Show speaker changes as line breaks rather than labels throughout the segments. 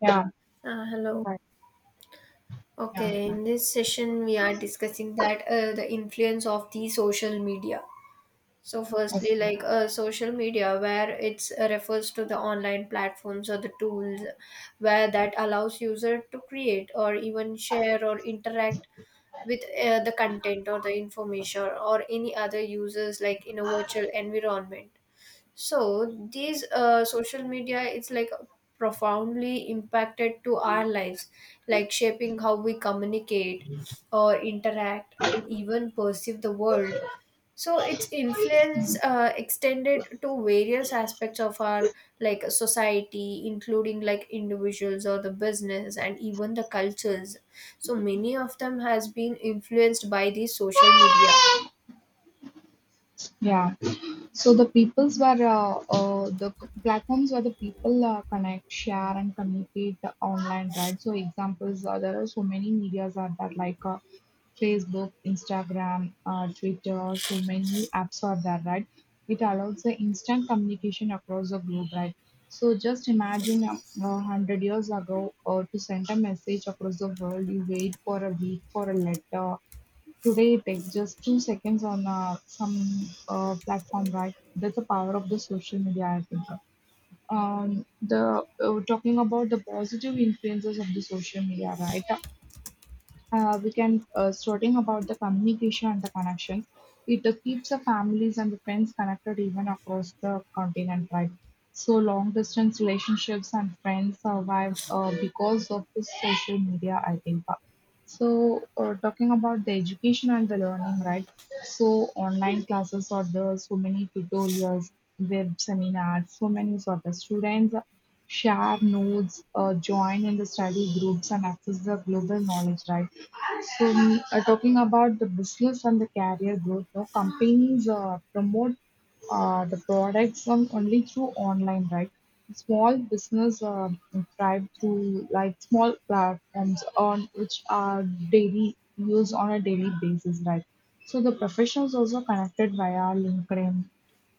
Yeah,
Hello.
right. Yeah,
Okay,
right.
in this session we are discussing that the influence of the social media. So, firstly,
Okay.
like social media, where it's refers to the online platforms or the tools where that allows user to create or even share or interact with the content or the information or any other users like in a virtual environment, so these social media, it's like profoundly impacted to our lives, like shaping how we communicate or interact and even perceive the world. So its influence extended to various aspects of our like society, including like individuals or the business and even the cultures. So many of them has been influenced by the social media.
Yeah. So the peoples were platforms where the people connect, share, and communicate online, right? So examples, there are so many medias are there like, Facebook, Instagram, Twitter. So many apps are there, right? It allows the instant communication across the globe, right? So just imagine 100 years ago, to send a message across the world, you wait for a week for a letter. Today it takes just 2 seconds on some platform, right? That's the power of the social media, I think. The Talking about the positive influences of the social media, right? We can, starting about the communication and the connection. It keeps the families and the friends connected even across the continent, right? So long distance relationships and friends survive because of this social media, I think. So, talking about the education and the learning, right? So, online classes are there, so many tutorials, web seminars, so many sort of students share notes, join in the study groups, and access the global knowledge, right? So, talking about the business and the career growth, no companies promote the products only through online, right? Small business thrive through like small platforms on which are daily used on a daily basis, right? So the professionals also connected via LinkedIn.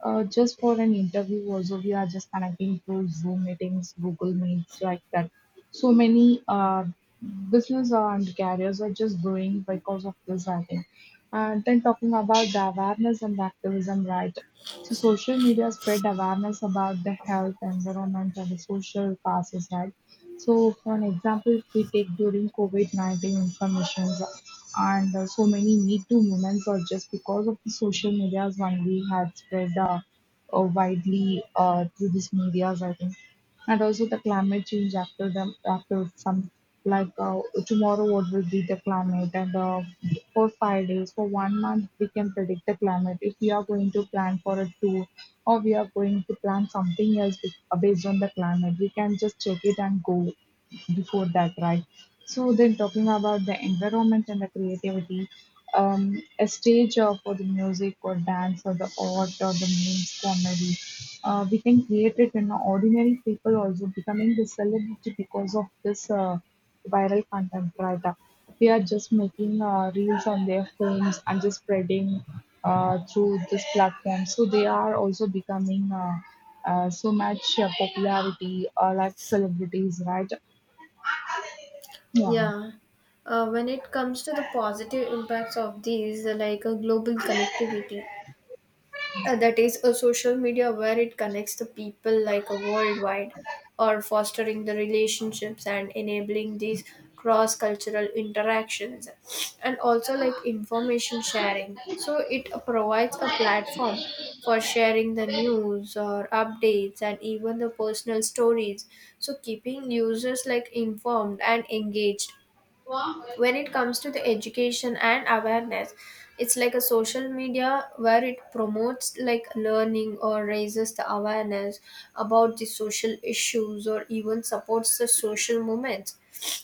Just for an interview, also we are just connecting through Zoom meetings, Google Meets, like that. So many business and careers are just growing because of this, I think. And then talking about the awareness and the activism, right? So social media spread awareness about the health, environment, and the social causes, right? So for an example, if we take during COVID-19 information and so many Me Too movements or just because of the social medias only had spread widely through these medias, I think. And also the climate change after them after some like, tomorrow what will be the climate, and for 5 days, for one month, we can predict the climate if we are going to plan for a tour, or we are going to plan something else based on the climate. We can just check it and go before that, right? So then talking about the environment and the creativity, a stage for the music or dance or the art or the memes comedy, we can create it. In ordinary people also becoming the celebrity because of this viral content, right up. They are just making reels on their phones and just spreading through this platform. So they are also becoming so much popularity or like celebrities, right? Yeah.
Yeah. When it comes to the positive impacts of these, like a global connectivity, that is a social media where it connects the people like a worldwide, or fostering the relationships and enabling these cross-cultural interactions, and also like information sharing. So it provides a platform for sharing the news or updates and even the personal stories. So keeping users like informed and engaged when it comes to the education and awareness, it's like a social media where it promotes like learning or raises the awareness about the social issues or even supports the social movements.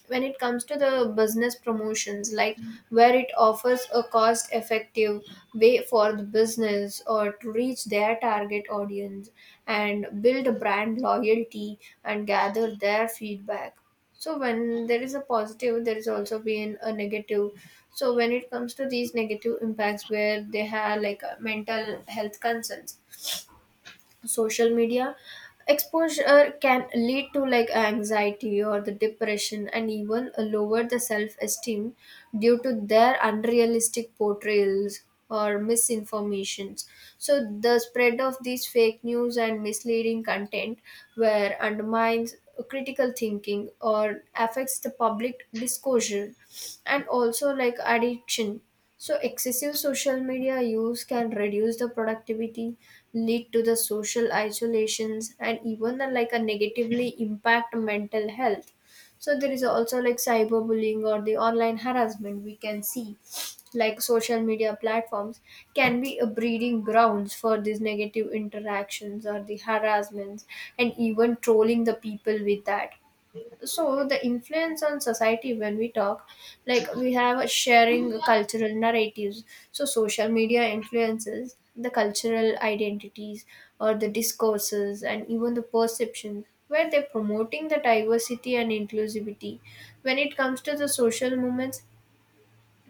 When it comes to the business promotions, like where it offers a cost effective way for the business or to reach their target audience and build a brand loyalty and gather their feedback. So when there is a positive, there is also been a negative. So when it comes to these negative impacts, where they have like mental health concerns, social media exposure can lead to like anxiety or the depression and even lower the self-esteem due to their unrealistic portrayals or misinformations. So the spread of these fake news and misleading content, where undermines critical thinking or affects the public discourse, and also like addiction. So, excessive social media use can reduce the productivity, lead to the social isolations, and even like a negatively impact mental health. So, there is also like cyberbullying or the online harassment we can see. Like social media platforms can be a breeding grounds for these negative interactions or the harassments and even trolling the people with that. So the influence on society, when we talk, like we have a sharing cultural narratives, so social media influences the cultural identities or the discourses and even the perception, where they're promoting the diversity and inclusivity. When it comes to the social movements,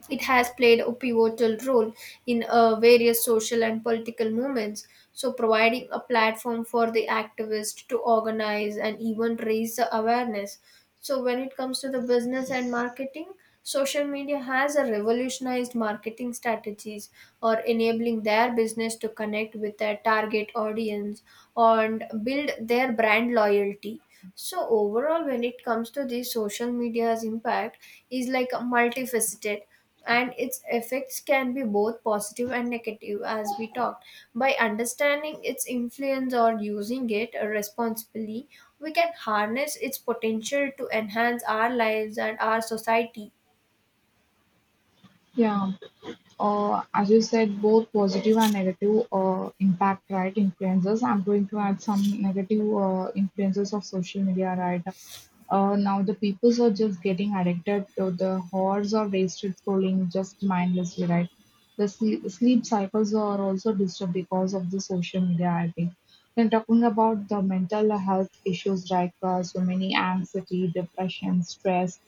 it has played a pivotal role in various social and political movements, so providing a platform for the activists to organize and even raise the awareness. So, when it comes to the business and marketing, social media has a revolutionized marketing strategies or enabling their business to connect with their target audience and build their brand loyalty. So overall, when it comes to the social media's impact, is like a multifaceted, and its effects can be both positive and negative, as we talked. By understanding its influence or using it responsibly, we can harness its potential to enhance our lives and our society.
Yeah. As you said, both positive and negative impact, right, influences. I'm going to add some negative influences of social media, right? Now the peoples are just getting addicted to the hours or wasted scrolling just mindlessly, right? The sleep cycles are also disturbed because of the social media, I think. When talking about the mental health issues like, so many anxiety, depression, stress,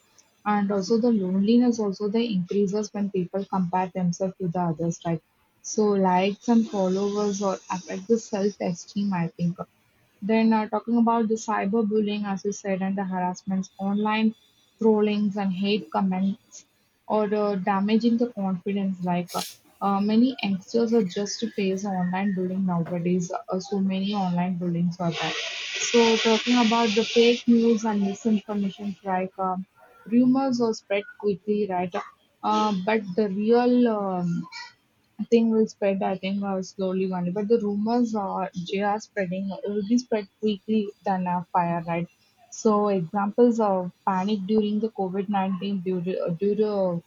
and also the loneliness also, they increases when people compare themselves to the others, right? So likes and followers or affect the self esteem, I think. Then talking about the cyberbullying, as you said, and the harassments, online trollings and hate comments, or damaging the confidence. Like, many youngsters are just face online bullying nowadays. So many online bullying are there. So talking about the fake news and misinformation, like, rumors are spread quickly, right? But the real thing will spread, I think, slowly one. But the rumors, are they are spreading. It will be spread quickly than a fire, right? So examples of panic during the COVID 19 due to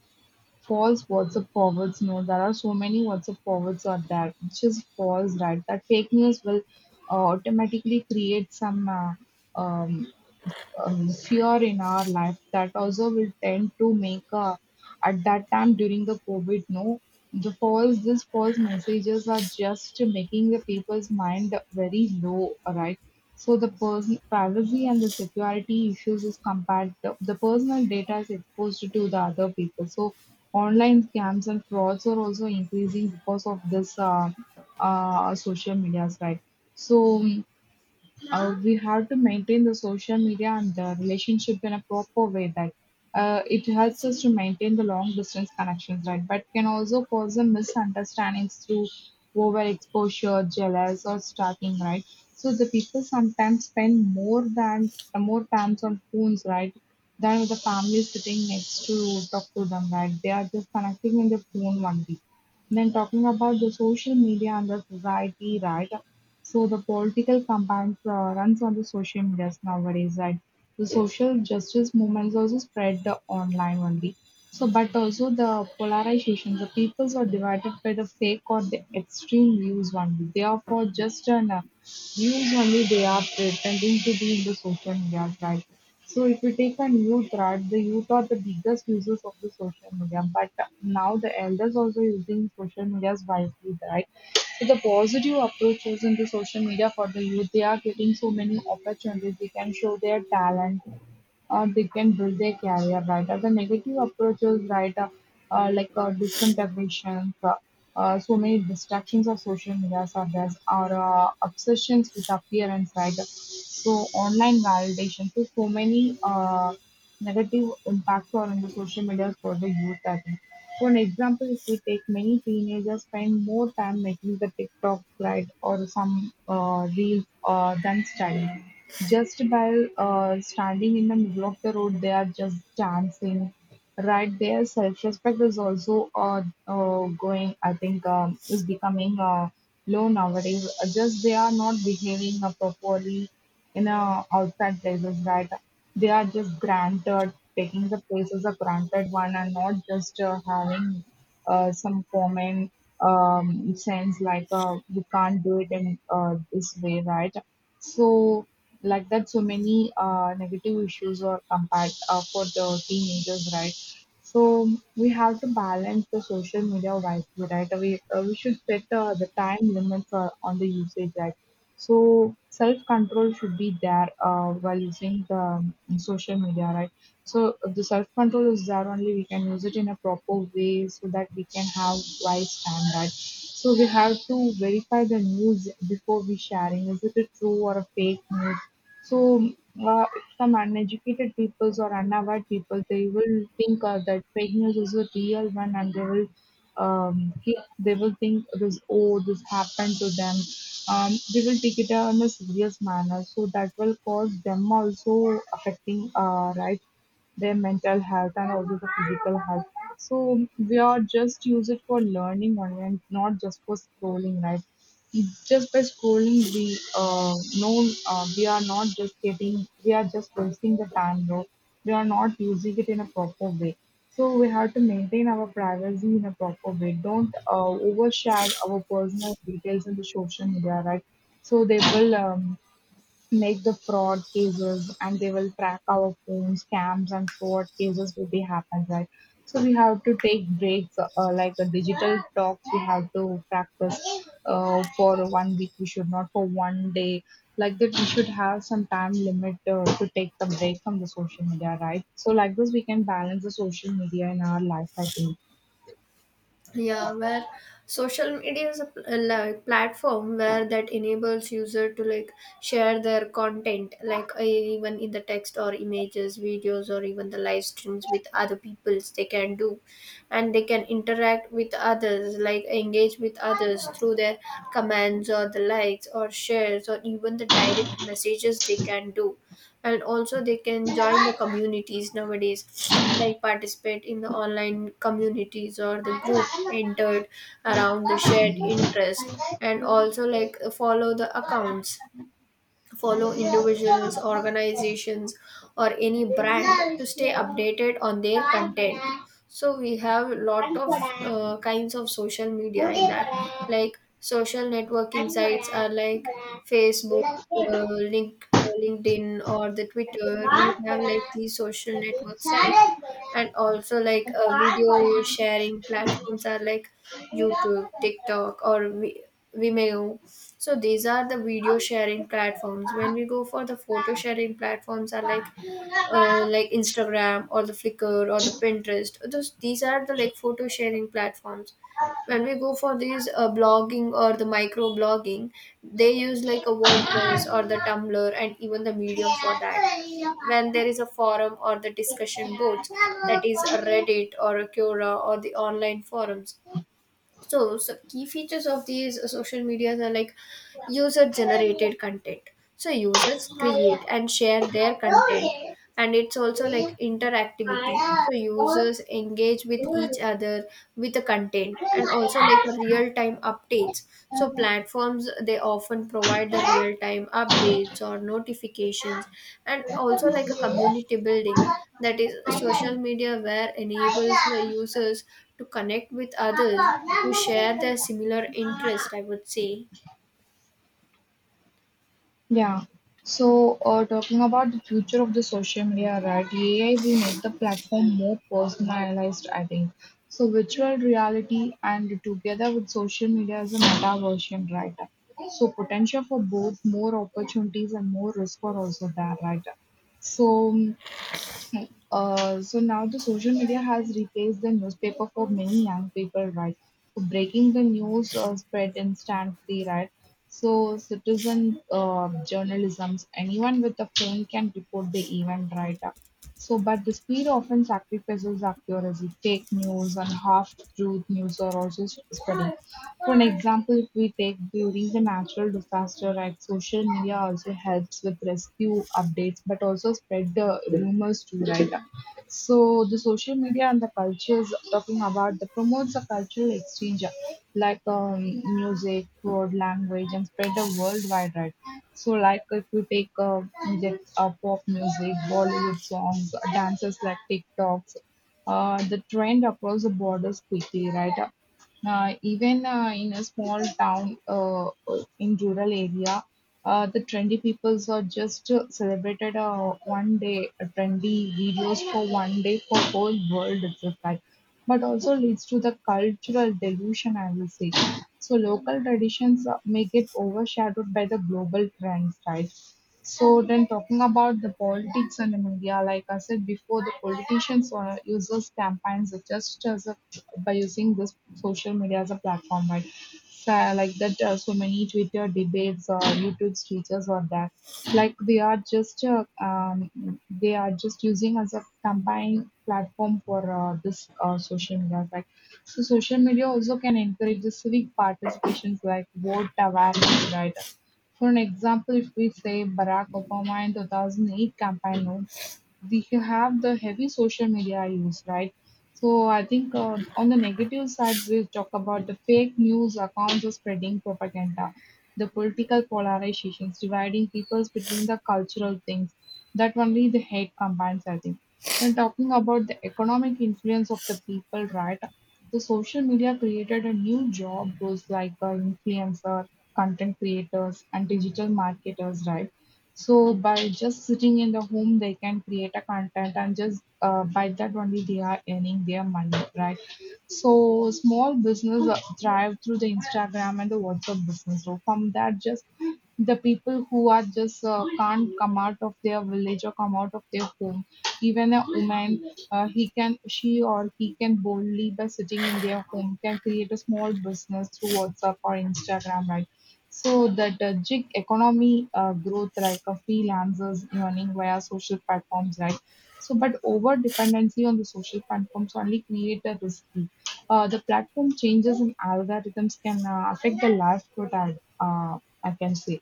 false WhatsApp forwards. No, there are so many WhatsApp forwards are there, which is false, right? That fake news will automatically create some. um, fear in our life that also will tend to make, at that time during the covid, no, the false these false messages are just making the people's mind very low, right? So the person privacy and the security issues is compared, the personal data is exposed to the other people. So online scams and frauds are also increasing because of this social medias, right. So, we have to maintain the social media and the relationship in a proper way, that it helps us to maintain the long distance connections, right? But can also cause the misunderstandings through overexposure, jealous, or stalking, right? So the people sometimes spend more than, more times on phones, right, than with the family sitting next to talk to them, right? They are just connecting in the phone only. Then talking about the social media and the society, right? So the political campaigns runs on the social media nowadays, right? The social justice movements also spread the online only. So, but also the polarization, the peoples are divided by the fake or the extreme views only. They are for just an, usually they are pretending to be in the social media tribe. So if you take a new tribe, the youth are the biggest users of the social media. But now the elders also using social medias wisely, right? So the positive approaches in the social media for the youth, they are getting so many opportunities. They can show their talent, they can build their career, right? Or the negative approaches, right. Like, disintegration, so many distractions of social media are there, or obsessions with appearance, right? So online validation, so many negative impacts are on the social media for the youth, I think. For an example, if we take, many teenagers spend more time making the TikTok, right, or some reels than studying. Just by, standing in the middle of the road, they are just dancing, right? Their self-respect is also going, I think, is becoming low nowadays. Just they are not behaving properly in, outside places, right? They are just granted, taking the places a granted one and not just having some common sense, like, we can't do it in, this way, right? So like that, so many negative issues are compared for the teenagers, right. So we have to balance the social media wisely, right? We should set the time limits on the usage, right. So self control should be there while using the social media, right. So if the self control is there only, we can use it in a proper way, so that we can have wise time, right. So we have to verify the news before we sharing. Is it a true or a fake news? So, uh, some uneducated peoples or unaware people, they will think that fake news is a real one, and they will they will think this, oh, this happened to them. They will take it on a serious manner. So that will cause them also affecting, right, their mental health and also the physical health. So we are just use it for learning only and not just for scrolling, right? Just by scrolling, we know, we are not just getting, we are just wasting the time, though. We are not using it in a proper way. So we have to maintain our privacy in a proper way. Don't overshare our personal details in the social media, right? So they will make the fraud cases and they will track our phones, scams and fraud cases will be happen, right. So we have to take breaks, like a digital talks, we have to practice for one week, we should not for one day, like that we should have some time limit to take the break from the social media, right. So like this we can balance the social media in our life, I think.
Yeah, where social media is a like platform where that enables user to like share their content like even in the text or images videos or even the live streams with other peoples they can do, and they can interact with others like engage with others through their comments or the likes or shares or even the direct messages they can do. And also they can join the communities nowadays like participate in the online communities or the group entered around the shared interest, and also like follow the accounts, follow individuals, organizations, or any brand to stay updated on their content. So we have lot of kinds of social media in that, like social networking sites are like Facebook, LinkedIn, or the Twitter. We have like these social network sites, and also like video sharing platforms are like YouTube, TikTok, or Vimeo. So these are the video sharing platforms. When we go for the photo sharing platforms, are like Instagram or the Flickr or the Pinterest, those these are the like photo sharing platforms. When we go for these blogging or the micro blogging, they use like a WordPress or the Tumblr and even the Medium for that. When there is a forum or the discussion boards, that is a Reddit or a Quora or the online forums. So, so key features of these social medias are like user generated content. So users create and share their content, and it's also like interactivity. So users engage with each other with the content, and also like real time updates. So platforms they often provide the real time updates or notifications, and also like a community building. That is, social media where enables the users to connect with others who share their similar interest, I would say.
Yeah. So, talking about the future of the social media, right? AI will make the platform more personalized, I think. So, virtual reality and together with social media as a meta version, right? So, potential for both more opportunities and more risk are also there, right? So, so now the social media has replaced the newspaper for many young people, right? So breaking the news spread instantly, right? So citizen journalisms, anyone with a phone can report the event, right? So, but the speed often sacrifices accuracy. Fake news and half-truth news are also spreading. For an example, if we take during the natural disaster, right, social media also helps with rescue updates, but also spread the rumors too, right? So the social media and the cultures talking about the promotes a cultural exchange like music, word, language, and spread the worldwide, right? So like if you take get, pop music, Bollywood songs, dances like TikToks, the trend across the borders quickly, right? Even in a small town in rural area, the trendy peoples are just celebrated one day, trendy videos for one day for whole world itself. Like, but also leads to the cultural delusion, I will say. So local traditions may get overshadowed by the global trends, right? So then talking about the politics and the media, like I said before, the politicians or users campaigns are just as a by using this social media as a platform, right? So, like that, so many Twitter debates or YouTube speeches or that, like they are just using as a campaign platform for this social media, right? So social media also can encourage the civic participations like vote awareness, right? For an example, if we say Barack Obama in 2008 campaign, no, we have the heavy social media use, right? So I think on the negative side, we'll talk about the fake news accounts of spreading propaganda, the political polarizations, dividing peoples between the cultural things. That only the hate combines, I think. Then talking about the economic influence of the people, right? The social media created a new job roles like influencer, content creators, and digital marketers, right? So by just sitting in the home, they can create a content and just by that only they are earning their money, right? So small business thrive through the Instagram and the WhatsApp business. So from that, just the people who are just can't come out of their village or come out of their home, even a woman, he can, she or he can boldly by sitting in their home can create a small business through WhatsApp or Instagram, right? So that gig economy growth like freelancers earning via social platforms, right? So, but over dependency on the social platforms only create a risky. The platform changes and algorithms can affect the livelihood. Uh, I can say.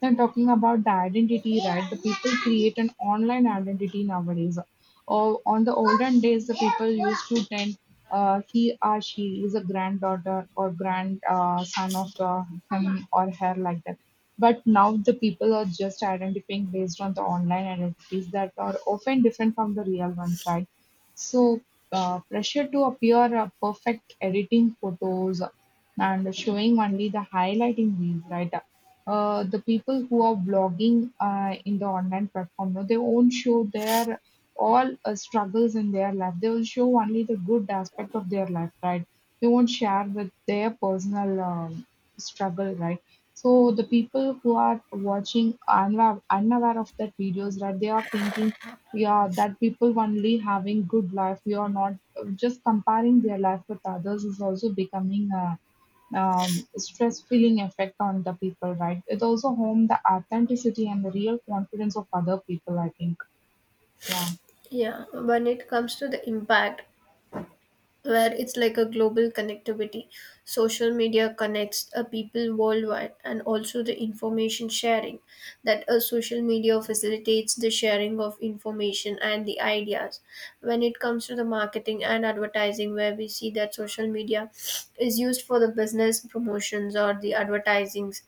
Then talking about the identity, right? The people create an online identity nowadays. Or on the olden days, the people used to tend he or she is a granddaughter or grand son of him or her like that. But now the people are just identifying based on the online identities that are often different from the real ones, right? So pressure to appear perfect, editing photos and showing only the highlighting reels, right? The people who are blogging in the online platform, no, they won't show their all struggles in their life. They will show only the good aspect of their life, right? They won't share with their personal struggle, right? So the people who are watching unaware, unaware of that videos, right? They are thinking, yeah, that people only having good life. We are not just comparing their life with others is also becoming a stress feeling effect on the people, right? It also harm the authenticity and the real confidence of other people. I think, yeah.
Yeah, when it comes to the impact, where it's like a global connectivity. Social media connects people worldwide, and also the information sharing, that a social media facilitates the sharing of information and the ideas. When it comes to the marketing and advertising, where we see that social media is used for the business promotions or the advertisings,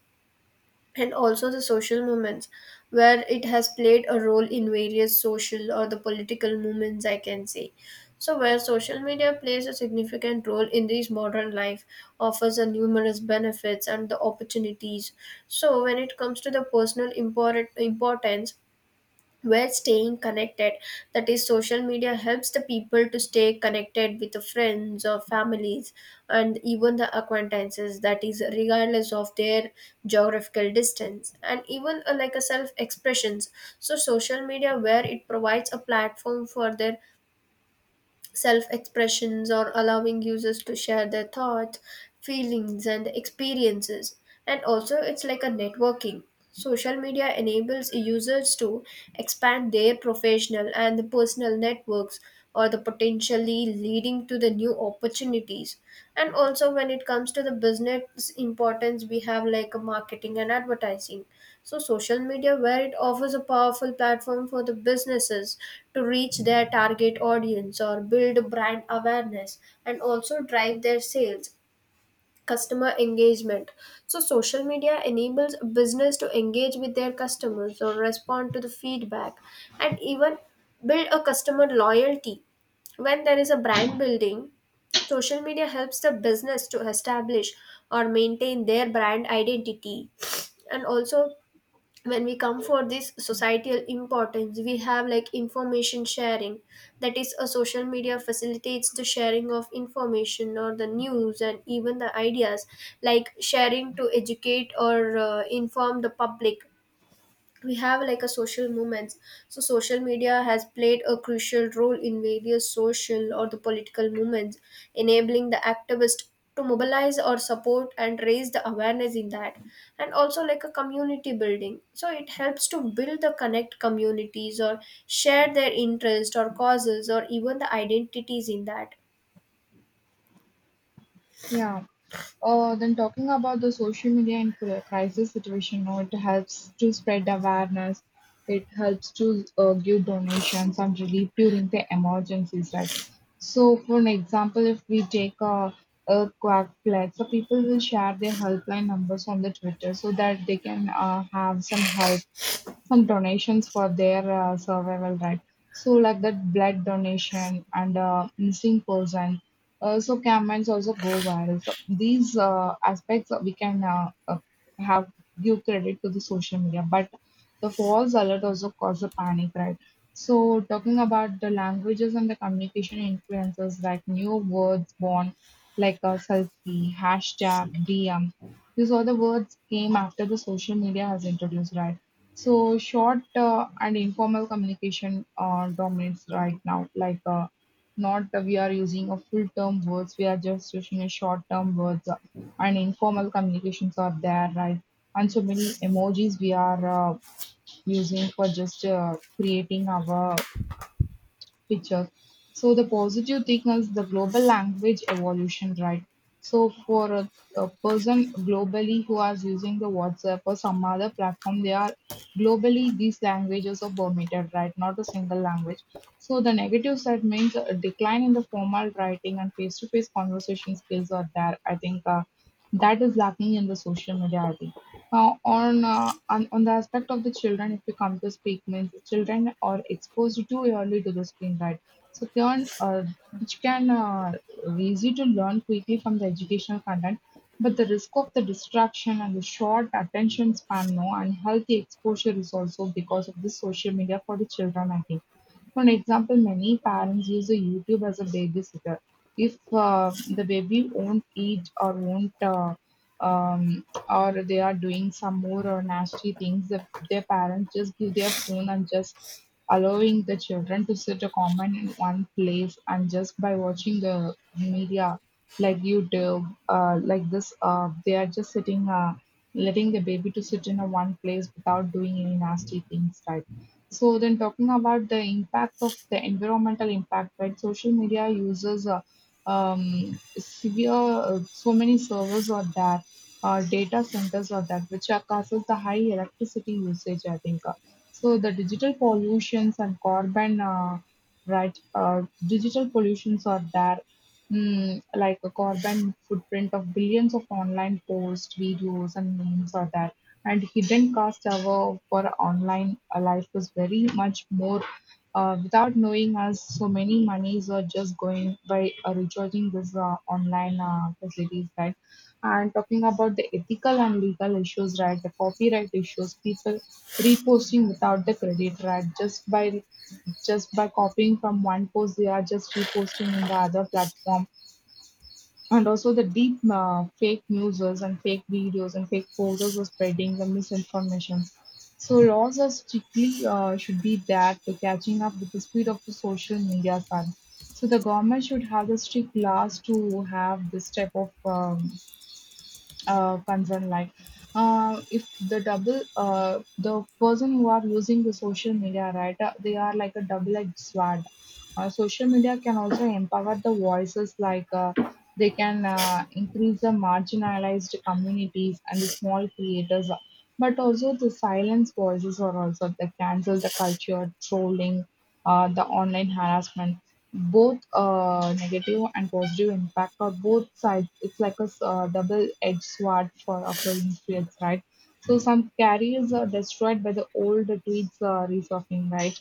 and also the social movements, where it has played a role in various social or the political movements, I can say. So where social media plays a significant role in this modern life, offers a numerous benefits and the opportunities. So when it comes to the personal importance, we're staying connected, that is social media helps the people to stay connected with the friends or families and even the acquaintances, that is regardless of their geographical distance, and even like a self expressions. So social media where it provides a platform for their self expressions or allowing users to share their thoughts, feelings, and experiences. And also, it's like a networking. Social media enables users to expand their professional and personal networks, or the potentially leading to the new opportunities. And also when it comes to the business importance, we have like marketing and advertising. So social media where it offers a powerful platform for the businesses to reach their target audience or build brand awareness and also drive their sales, customer engagement. So social media enables a business to engage with their customers or respond to the feedback and even build a customer loyalty. When there is a brand building, social media helps the business to establish or maintain their brand identity. And also when we come for this societal importance, we have like information sharing, that is a social media facilitates the sharing of information or the news and even the ideas, like sharing to educate or inform the public. We have like a social movements, so social media has played a crucial role in various social or the political movements, enabling the activists to mobilize or support and raise the awareness in that. And also like a community building, so it helps to build the connect communities or share their interest or causes or even the identities in that.
Yeah. Then talking about the social media in crisis situation, no, it helps to spread awareness. It helps to give donations and relief during the emergencies, right? So, for an example, if we take a earthquake flood, so people will share their helpline numbers on the Twitter so that they can have some help some donations for their survival, right? So like that blood donation and missing person so campaigns also go viral. So these aspects we can have give credit to the social media, but the false alert also cause a panic, right? So talking about the languages and the communication influences like new words born like a selfie, hashtag, DM. These are the words came after the social media has introduced, right? So short and informal communication dominates right now. Like not we are using a full term words, we are just using a short term words, and informal communications are there, right? And so many emojis we are using for just creating our pictures. So the positive thing is the global language evolution, right? So for a person globally who is using the WhatsApp or some other platform, they are globally these languages are permitted, right? Not a single language. So the negative side means a decline in the formal writing and face-to-face conversation skills are there. I think that is lacking in the social media. I think. Now, on the aspect of the children, if we come to speak, means the children are exposed too early to the screen, right? So can which can easy to learn quickly from the educational content, but the risk of the distraction and the short attention span, no, unhealthy exposure is also because of the social media for the children. I think. For an example, many parents use the YouTube as a babysitter. If the baby won't eat or won't or they are doing some more or nasty things, their parents just give their phone and just allowing the children to sit a comment in one place and just by watching the media like YouTube, like this, they are just sitting, letting the baby to sit in a one place without doing any nasty things, right? So then talking about the impact of the environmental impact, right? Social media uses severe, so many servers are there, data centers or that which are causes the high electricity usage, I think. So the digital pollutions and carbon right digital pollutions are there, mm, like a carbon footprint of billions of online posts, videos, and memes are there, and hidden cost hour for online life is very much more without knowing us so many monies are just going by recharging this online facilities, right? And talking about the ethical and legal issues, right? The copyright issues, people reposting without the credit, right? Just by copying from one post, they are just reposting in the other platform. And also the deep fake news and fake videos and fake photos are spreading the misinformation. So laws are strictly should be there to catching up with the speed of the social media, son. So the government should have the strict laws to have this type of concern like if the person who are using the social media, right, they are like a double-edged sword. Social media can also empower the voices like they can increase the marginalized communities and the small creators, but also the silence voices are also the cancel the culture trolling, the online harassment, both negative and positive impact or both sides. It's like a double-edged sword for Afro-Indian fields, right? So some carriers are destroyed by the old tweets resurfacing, right?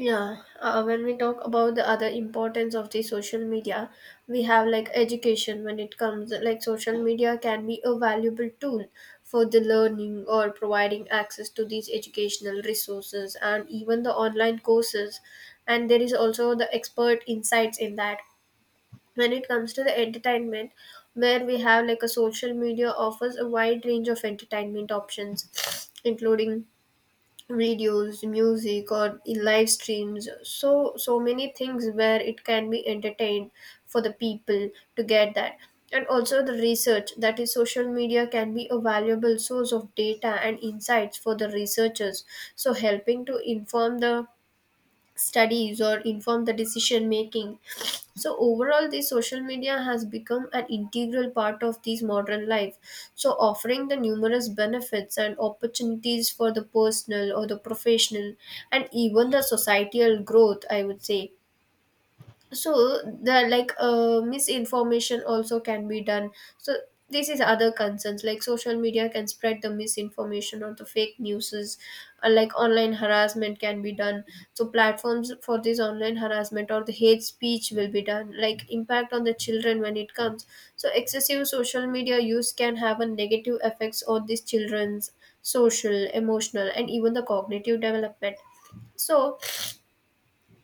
Yeah, when we talk about the other importance of the social media, we have like education, when it comes like social media can be a valuable tool for the learning or providing access to these educational resources and even the online courses. And there is also the expert insights in that. When it comes to the entertainment, where we have like a social media offers a wide range of entertainment options, including videos, music or in live streams, so so many things where it can be entertained for the people to get that. And also the research, that is social media can be a valuable source of data and insights for the researchers, so helping to inform the studies or inform the decision making. So overall the social media has become an integral part of this modern life, so offering the numerous benefits and opportunities for the personal or the professional and even the societal growth, I would say. So the like misinformation also can be done. So this is other concerns, like social media can spread the misinformation or the fake newses, like online harassment can be done. So platforms for this online harassment or the hate speech will be done. Like impact on the children when it comes, so excessive social media use can have a negative effects on these children's social, emotional and even the cognitive development. So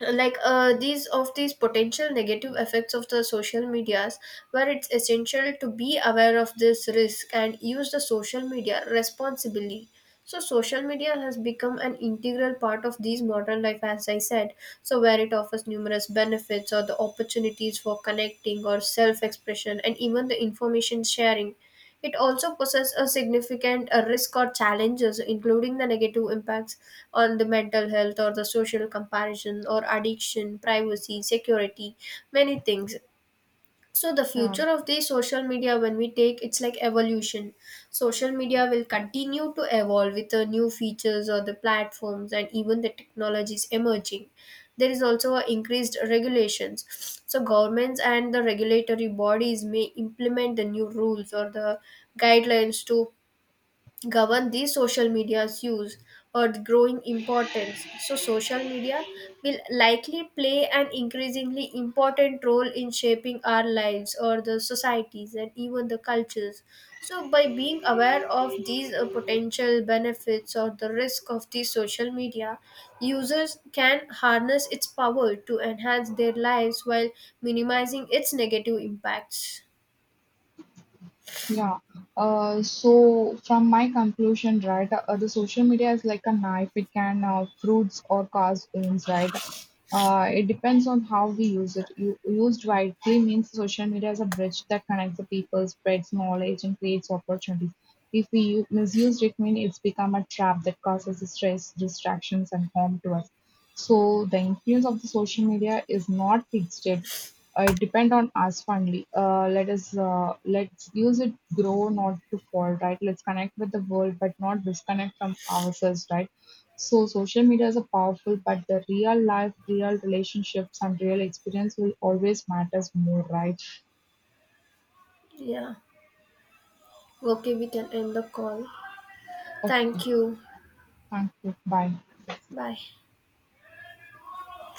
like these of these potential negative effects of the social medias, where it's essential to be aware of this risk and use the social media responsibly. So social media has become an integral part of these modern life, as I said. So where it offers numerous benefits or the opportunities for connecting or self expression and even the information sharing, it also poses a significant risk or challenges, including the negative impacts on the mental health or the social comparison or addiction, privacy, security, many things. So the future of the social media when we take, it's like evolution. Social media will continue to evolve with the new features or the platforms and even the technologies emerging. There is also a increased regulations. So governments and the regulatory bodies may implement the new rules or the guidelines to govern the social media's use, or the growing importance. So, social media will likely play an increasingly important role in shaping our lives or the societies and even the cultures. So, by being aware of these potential benefits or the risk of the social media, users can harness its power to enhance their lives while minimizing its negative impacts.
Yeah. So from my conclusion, right, the social media is like a knife. It can fruits or cause wounds, right? It depends on how we use it. You, used wisely means social media is a bridge that connects the people, spreads knowledge, and creates opportunities. If we misused it, means it's become a trap that causes stress, distractions, and harm to us. So the influence of the social media is not fixed. It depend on us finally. Let's use it grow, not to fall, right? Let's connect with the world, but not disconnect from ourselves, right? So social media is a powerful, but the real life, real relationships, and real experience will always matters more, right?
Yeah. Okay, we can end the call.
Okay,
Thank you.
thank you. Bye.
Bye.